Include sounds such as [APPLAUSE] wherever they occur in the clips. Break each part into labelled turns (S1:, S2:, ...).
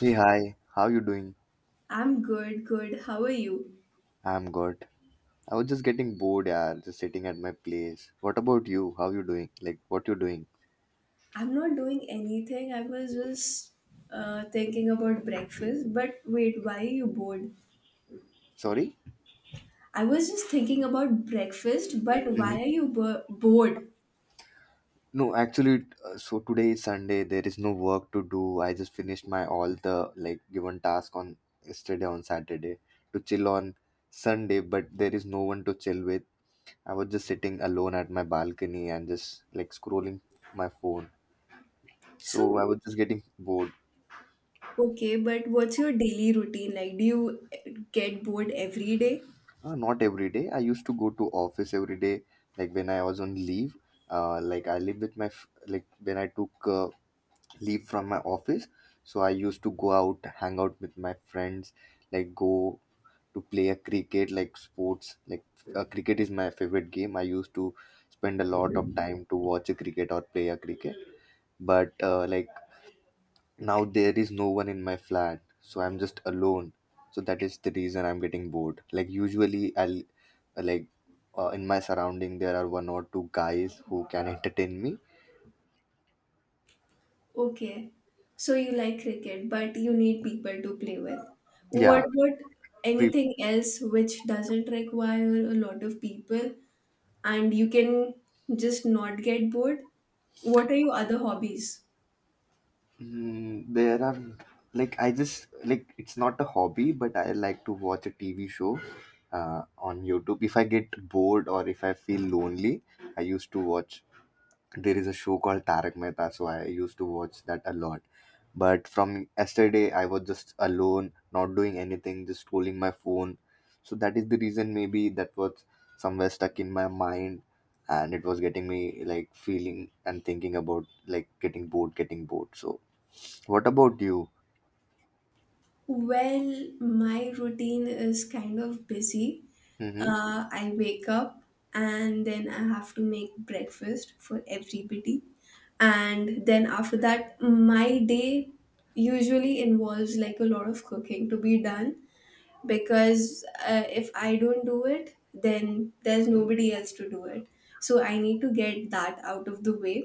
S1: Hey, hi. How you doing?
S2: I'm good, good. How are you?
S1: I'm good. I was just getting bored, yeah, just sitting at my place. What about you? How you doing? Like, what you doing?
S2: I'm not doing anything. I was just thinking about breakfast. But wait, why are you bored?
S1: Sorry?
S2: I was just thinking about breakfast, but
S1: Mhm.
S2: why are you bored?
S1: No, actually, so today is Sunday. There is no work to do. I just finished my all the like given task on yesterday on Saturday to chill on Sunday, but there is no one to chill with. I was just sitting alone at my balcony and just like scrolling my phone. So I
S2: So,
S1: was just getting bored.
S2: okay, but what's your daily routine like? Do you get bored every day?
S1: Not every day. I used to go to office every day, like when I was on leave. Like I live with like when I took leave from my office, so I used to go out, hang out with my friends, like go to play a cricket, like sports. Like cricket is my favorite game. I used to spend a lot of time to watch a cricket or play a cricket. But like now there is no one in my flat, so I'm just alone. So that is the reason I'm getting bored. Like usually I'll like in my surrounding there are one or two guys who can entertain me.
S2: Okay, so you like cricket, but you need people to play with.
S1: Yeah,
S2: What about
S1: pre-
S2: anything else which doesn't require a lot of people? And you can just not get bored? What are your other hobbies?
S1: there are like I just like it's not a hobby, but I like to watch a TV show on YouTube. If I get bored or if I feel lonely, I used to watch there is a show called Tarak Mehta, so I used to watch that a lot. But from yesterday, I was just alone, not doing anything, just scrolling my phone. So that is the reason maybe that was somewhere stuck in my mind, and it was getting me like feeling and thinking about like getting bored, getting bored. So what about you?
S2: Well, my routine is kind of busy.
S1: Mm-hmm.
S2: I wake up and then I have to make breakfast for everybody. And then after that, my day usually involves like a lot of cooking to be done. Because if I don't do it, then there's nobody else to do it. So I need to get that out of the way.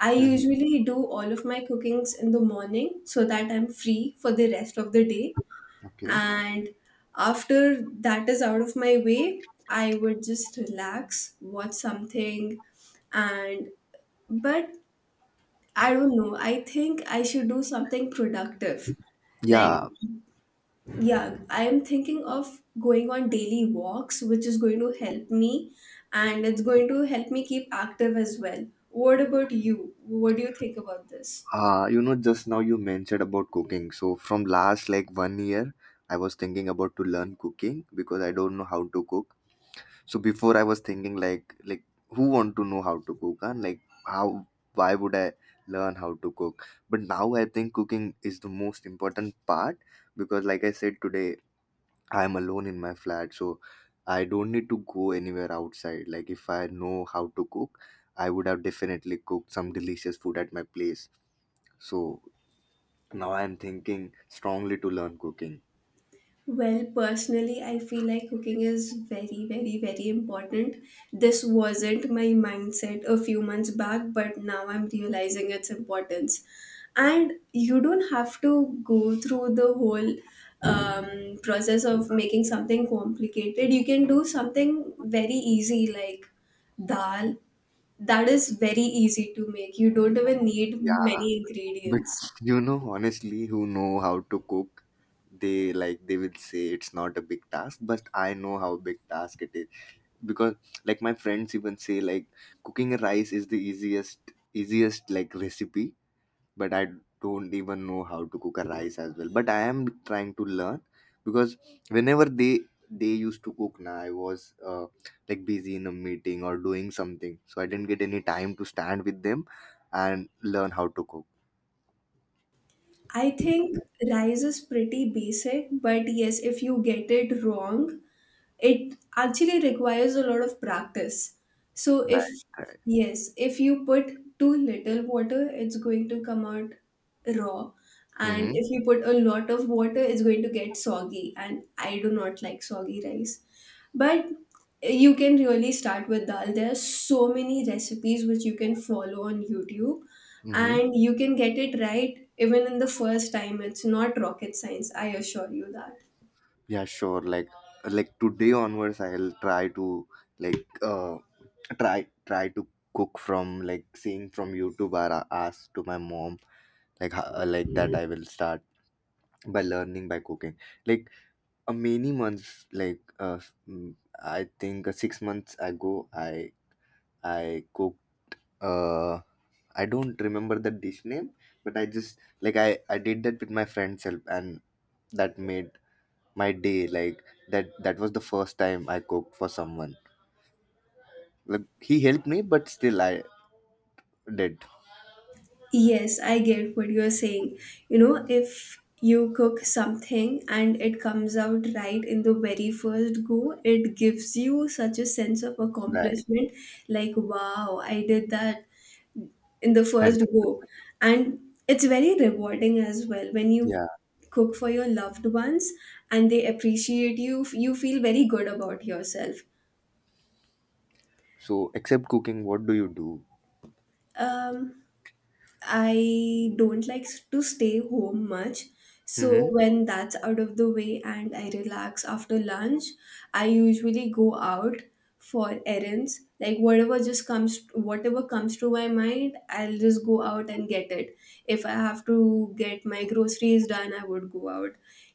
S2: I
S1: Mm-hmm.
S2: usually do all of my cookings in the morning so that I'm free for the rest of the day.
S1: Okay.
S2: And after that is out of my way, I would just relax, watch something, and but I don't know. I think I should do something productive like.
S1: Yeah,
S2: Yeah, I am thinking of going on daily walks, which is going to help me and it's going to help me keep active as well. What about you? What do you think about this?
S1: just now you mentioned about cooking. So from last like one year, I was thinking about to learn cooking because I don't know how to cook. So before I was thinking like who want to know how to cook and like how why would I learn how to cook? But now I think cooking is the most important part because like I said today I am alone in my flat, so I don't need to go anywhere outside. Like if I know how to cook, I would have definitely cooked some delicious food at my place. So now I am thinking strongly to learn cooking.
S2: Well, personally, I feel like cooking is very, very, very important. This wasn't my mindset a few months back, but now I'm realizing its importance. And you don't have to go through the whole process of making something complicated. You can do something very easy like dal. That is very easy to make. You don't even need
S1: Yeah.
S2: many
S1: But
S2: ingredients.
S1: honestly, who know how to cook, they like they will say it's not a big task, but I know how big task it is because like my friends even say like cooking rice is the easiest like recipe, but I don't even know how to cook a rice as well. But I am trying to learn because whenever they used to cook now I was like busy in a meeting or doing something, so I didn't get any time to stand with them and learn how to cook.
S2: I think rice is pretty basic, but yes, if you get it wrong, it actually requires a lot of practice. So
S1: Right.
S2: if
S1: Right.
S2: Yes, if you put too little water, it's going to come out raw. And
S1: Mm-hmm.
S2: if you put a lot of water, it's going to get soggy. And I do not like soggy rice. But you can really start with dal. There are so many recipes which you can follow on YouTube,
S1: Mm-hmm.
S2: and you can get it right even in the first time. It's not rocket science, I assure you that.
S1: Yeah, sure. Like today onwards I'll like uh try to cook from like seeing from YouTube or ask to my mom like that I will start by learning by cooking. Like many months like I think 6 months ago I cooked uh I don't remember the dish name, but I just like I did that with my friend's help, and that made my day like that. That was the first time I cooked for someone like he helped me, but still I did.
S2: Yes, I get what you're saying. You know, if you cook something and it comes out right in the very first go, it gives you such a sense of
S1: Right.
S2: accomplishment like, wow, I did that in the first go.
S1: 100%.
S2: And it's very rewarding as well when you
S1: Yeah,
S2: cook for your loved ones and they appreciate you, you feel very good about yourself.
S1: so except cooking what do you do?
S2: Um, I don't like to stay home much.
S1: Hmm.
S2: So when that's out of the way and I relax after lunch, I usually go out for errands. Like whatever comes to my mind, I'll just go out and get it. If I have to get my groceries done, I would go out.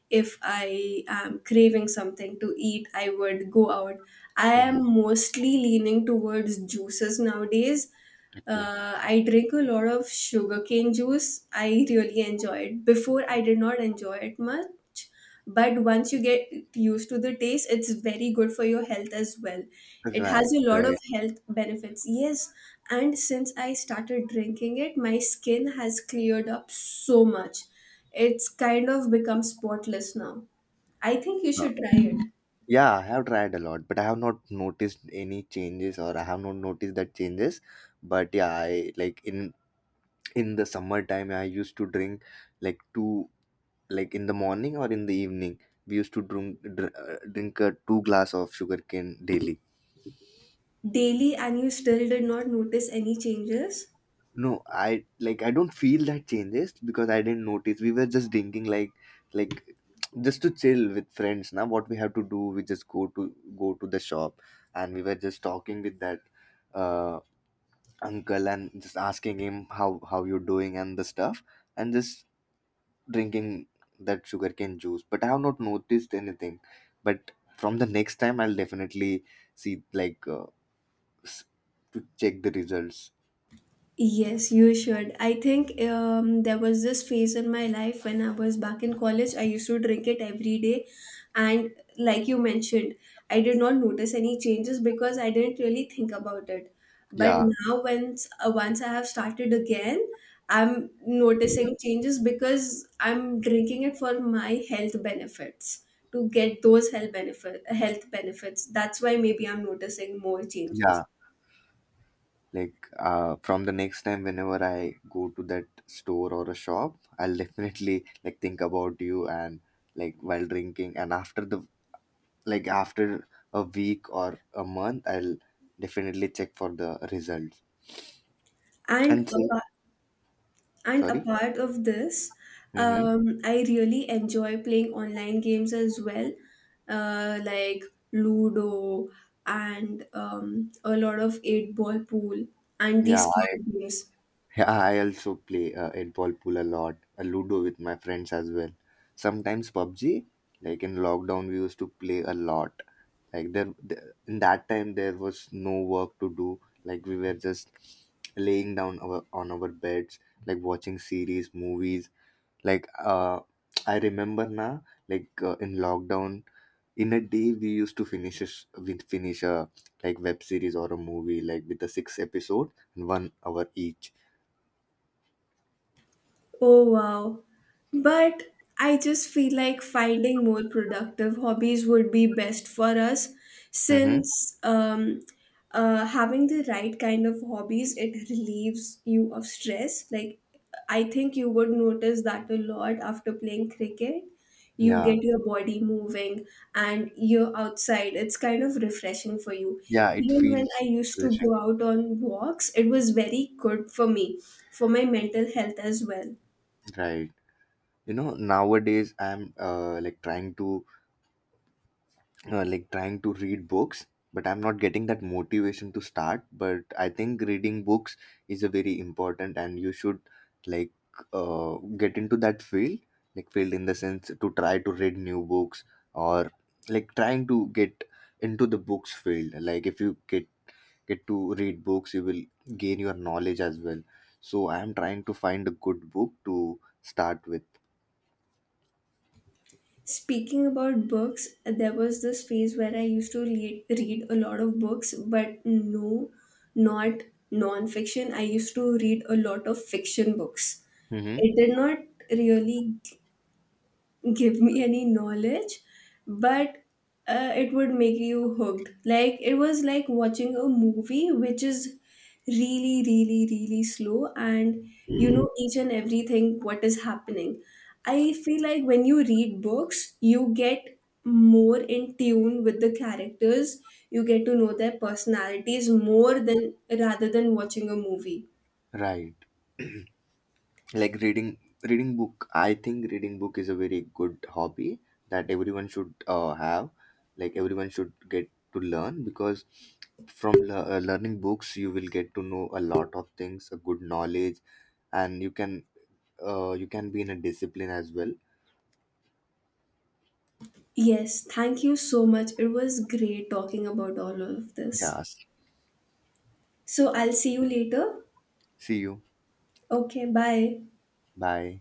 S2: If I am craving something to eat, I would go out. I
S1: Hmm.
S2: am mostly leaning towards juices nowadays.
S1: Okay.
S2: I drink a lot of sugarcane juice. I really enjoy it. Before, I did not enjoy it much, but once you get used to the taste, it's very good for your health as well. It
S1: Right.
S2: has a lot of
S1: Right.
S2: health benefits. Yes, and since I started drinking it, my skin has cleared up so much. It's kind of become spotless now. I think you
S1: Uh,
S2: should try it
S1: yeah, I have tried a lot, but I have not noticed any changes, or I have not noticed that changes, but yeah I like in the summertime I used to drink like two, like in the morning or in the evening, we used to drink a two glass of sugarcane daily.
S2: daily, and you still did not notice any changes.
S1: No, I don't feel that changes because I didn't notice. We were just drinking like just to chill with friends. Now what we have to do, we just go to the shop, and we were just talking with that uh uncle and just asking him how you're doing and the stuff and just drinking that sugarcane juice. But I have not noticed anything. But from the next time I'll definitely see like s- to check the results.
S2: Yes, you should. I think there was this phase in my life when I was back in college. I used to drink it every day. And like you mentioned, I did not notice any changes because I didn't really think about it. But
S1: Yeah.
S2: now, once I have started again, I'm noticing changes because I'm drinking it for my health benefits, to get those health benefits. That's why maybe I'm noticing more
S1: Yeah.
S2: changes.
S1: Like from the next time whenever I go to that store or a shop, I'll [LAUGHS] definitely like think about you and like while drinking and after the like after a week or a month, I'll definitely check for the results
S2: And
S1: and say.
S2: apart And
S1: Sorry.
S2: apart of this,
S1: Mm-hmm.
S2: I really enjoy playing online games as well, like Ludo and a lot of eight ball pool and
S1: yeah
S2: these
S1: i
S2: card games.
S1: yeah, I also play eight ball pool a lot, a ludo with my friends as well, sometimes PUBG. Like in lockdown we used to play a lot, like in that time there was no work to do, like we were just laying down our on our beds, like watching series movies, like I remember now, like in lockdown in a day we used to finish a like web series or a movie like with the six episode and 1 hour each.
S2: Oh wow. But I just feel like finding more productive hobbies would be best for us
S1: Mm-hmm.
S2: since having the right kind of hobbies, it relieves you of stress. Like, I think you would notice that a lot after playing cricket. You
S1: Yeah,
S2: get your body moving and you're outside. It's kind of refreshing for you.
S1: yeah, it
S2: Even when
S1: feels
S2: I used to
S1: refreshing.
S2: go out on walks, it was very good for me, for my mental health as well.
S1: Right. Nowadays I'm like trying to read books, but I'm not getting that motivation to start, but I think reading books is a very important, and you should like uh, get into that field, like field in the sense to try to read new books, or like trying to get into the books field, like if you get to read books you will gain your knowledge as well, so I am trying to find a good book to start with.
S2: Speaking about books, there was this phase where I used to read a lot of books, but no, not non-fiction. I used to read a lot of fiction books.
S1: Mm-hmm.
S2: It did not really give me any knowledge, but it would make you hooked. Like it was like watching a movie which is really, really, really slow, and you know each and everything what is happening. I feel like when you read books, you get more in tune with the characters. You get to know their personalities more than rather than watching a movie.
S1: Right. Like reading book, I think reading book is a very good hobby that everyone should have, like everyone should get to learn because from learning books you will get to know a lot of things, a good knowledge, and you can be in a discipline as well.
S2: Yes, thank you so much. It was great talking about all of this.
S1: Yes.
S2: So I'll see you later.
S1: See you.
S2: Okay, bye.
S1: Bye.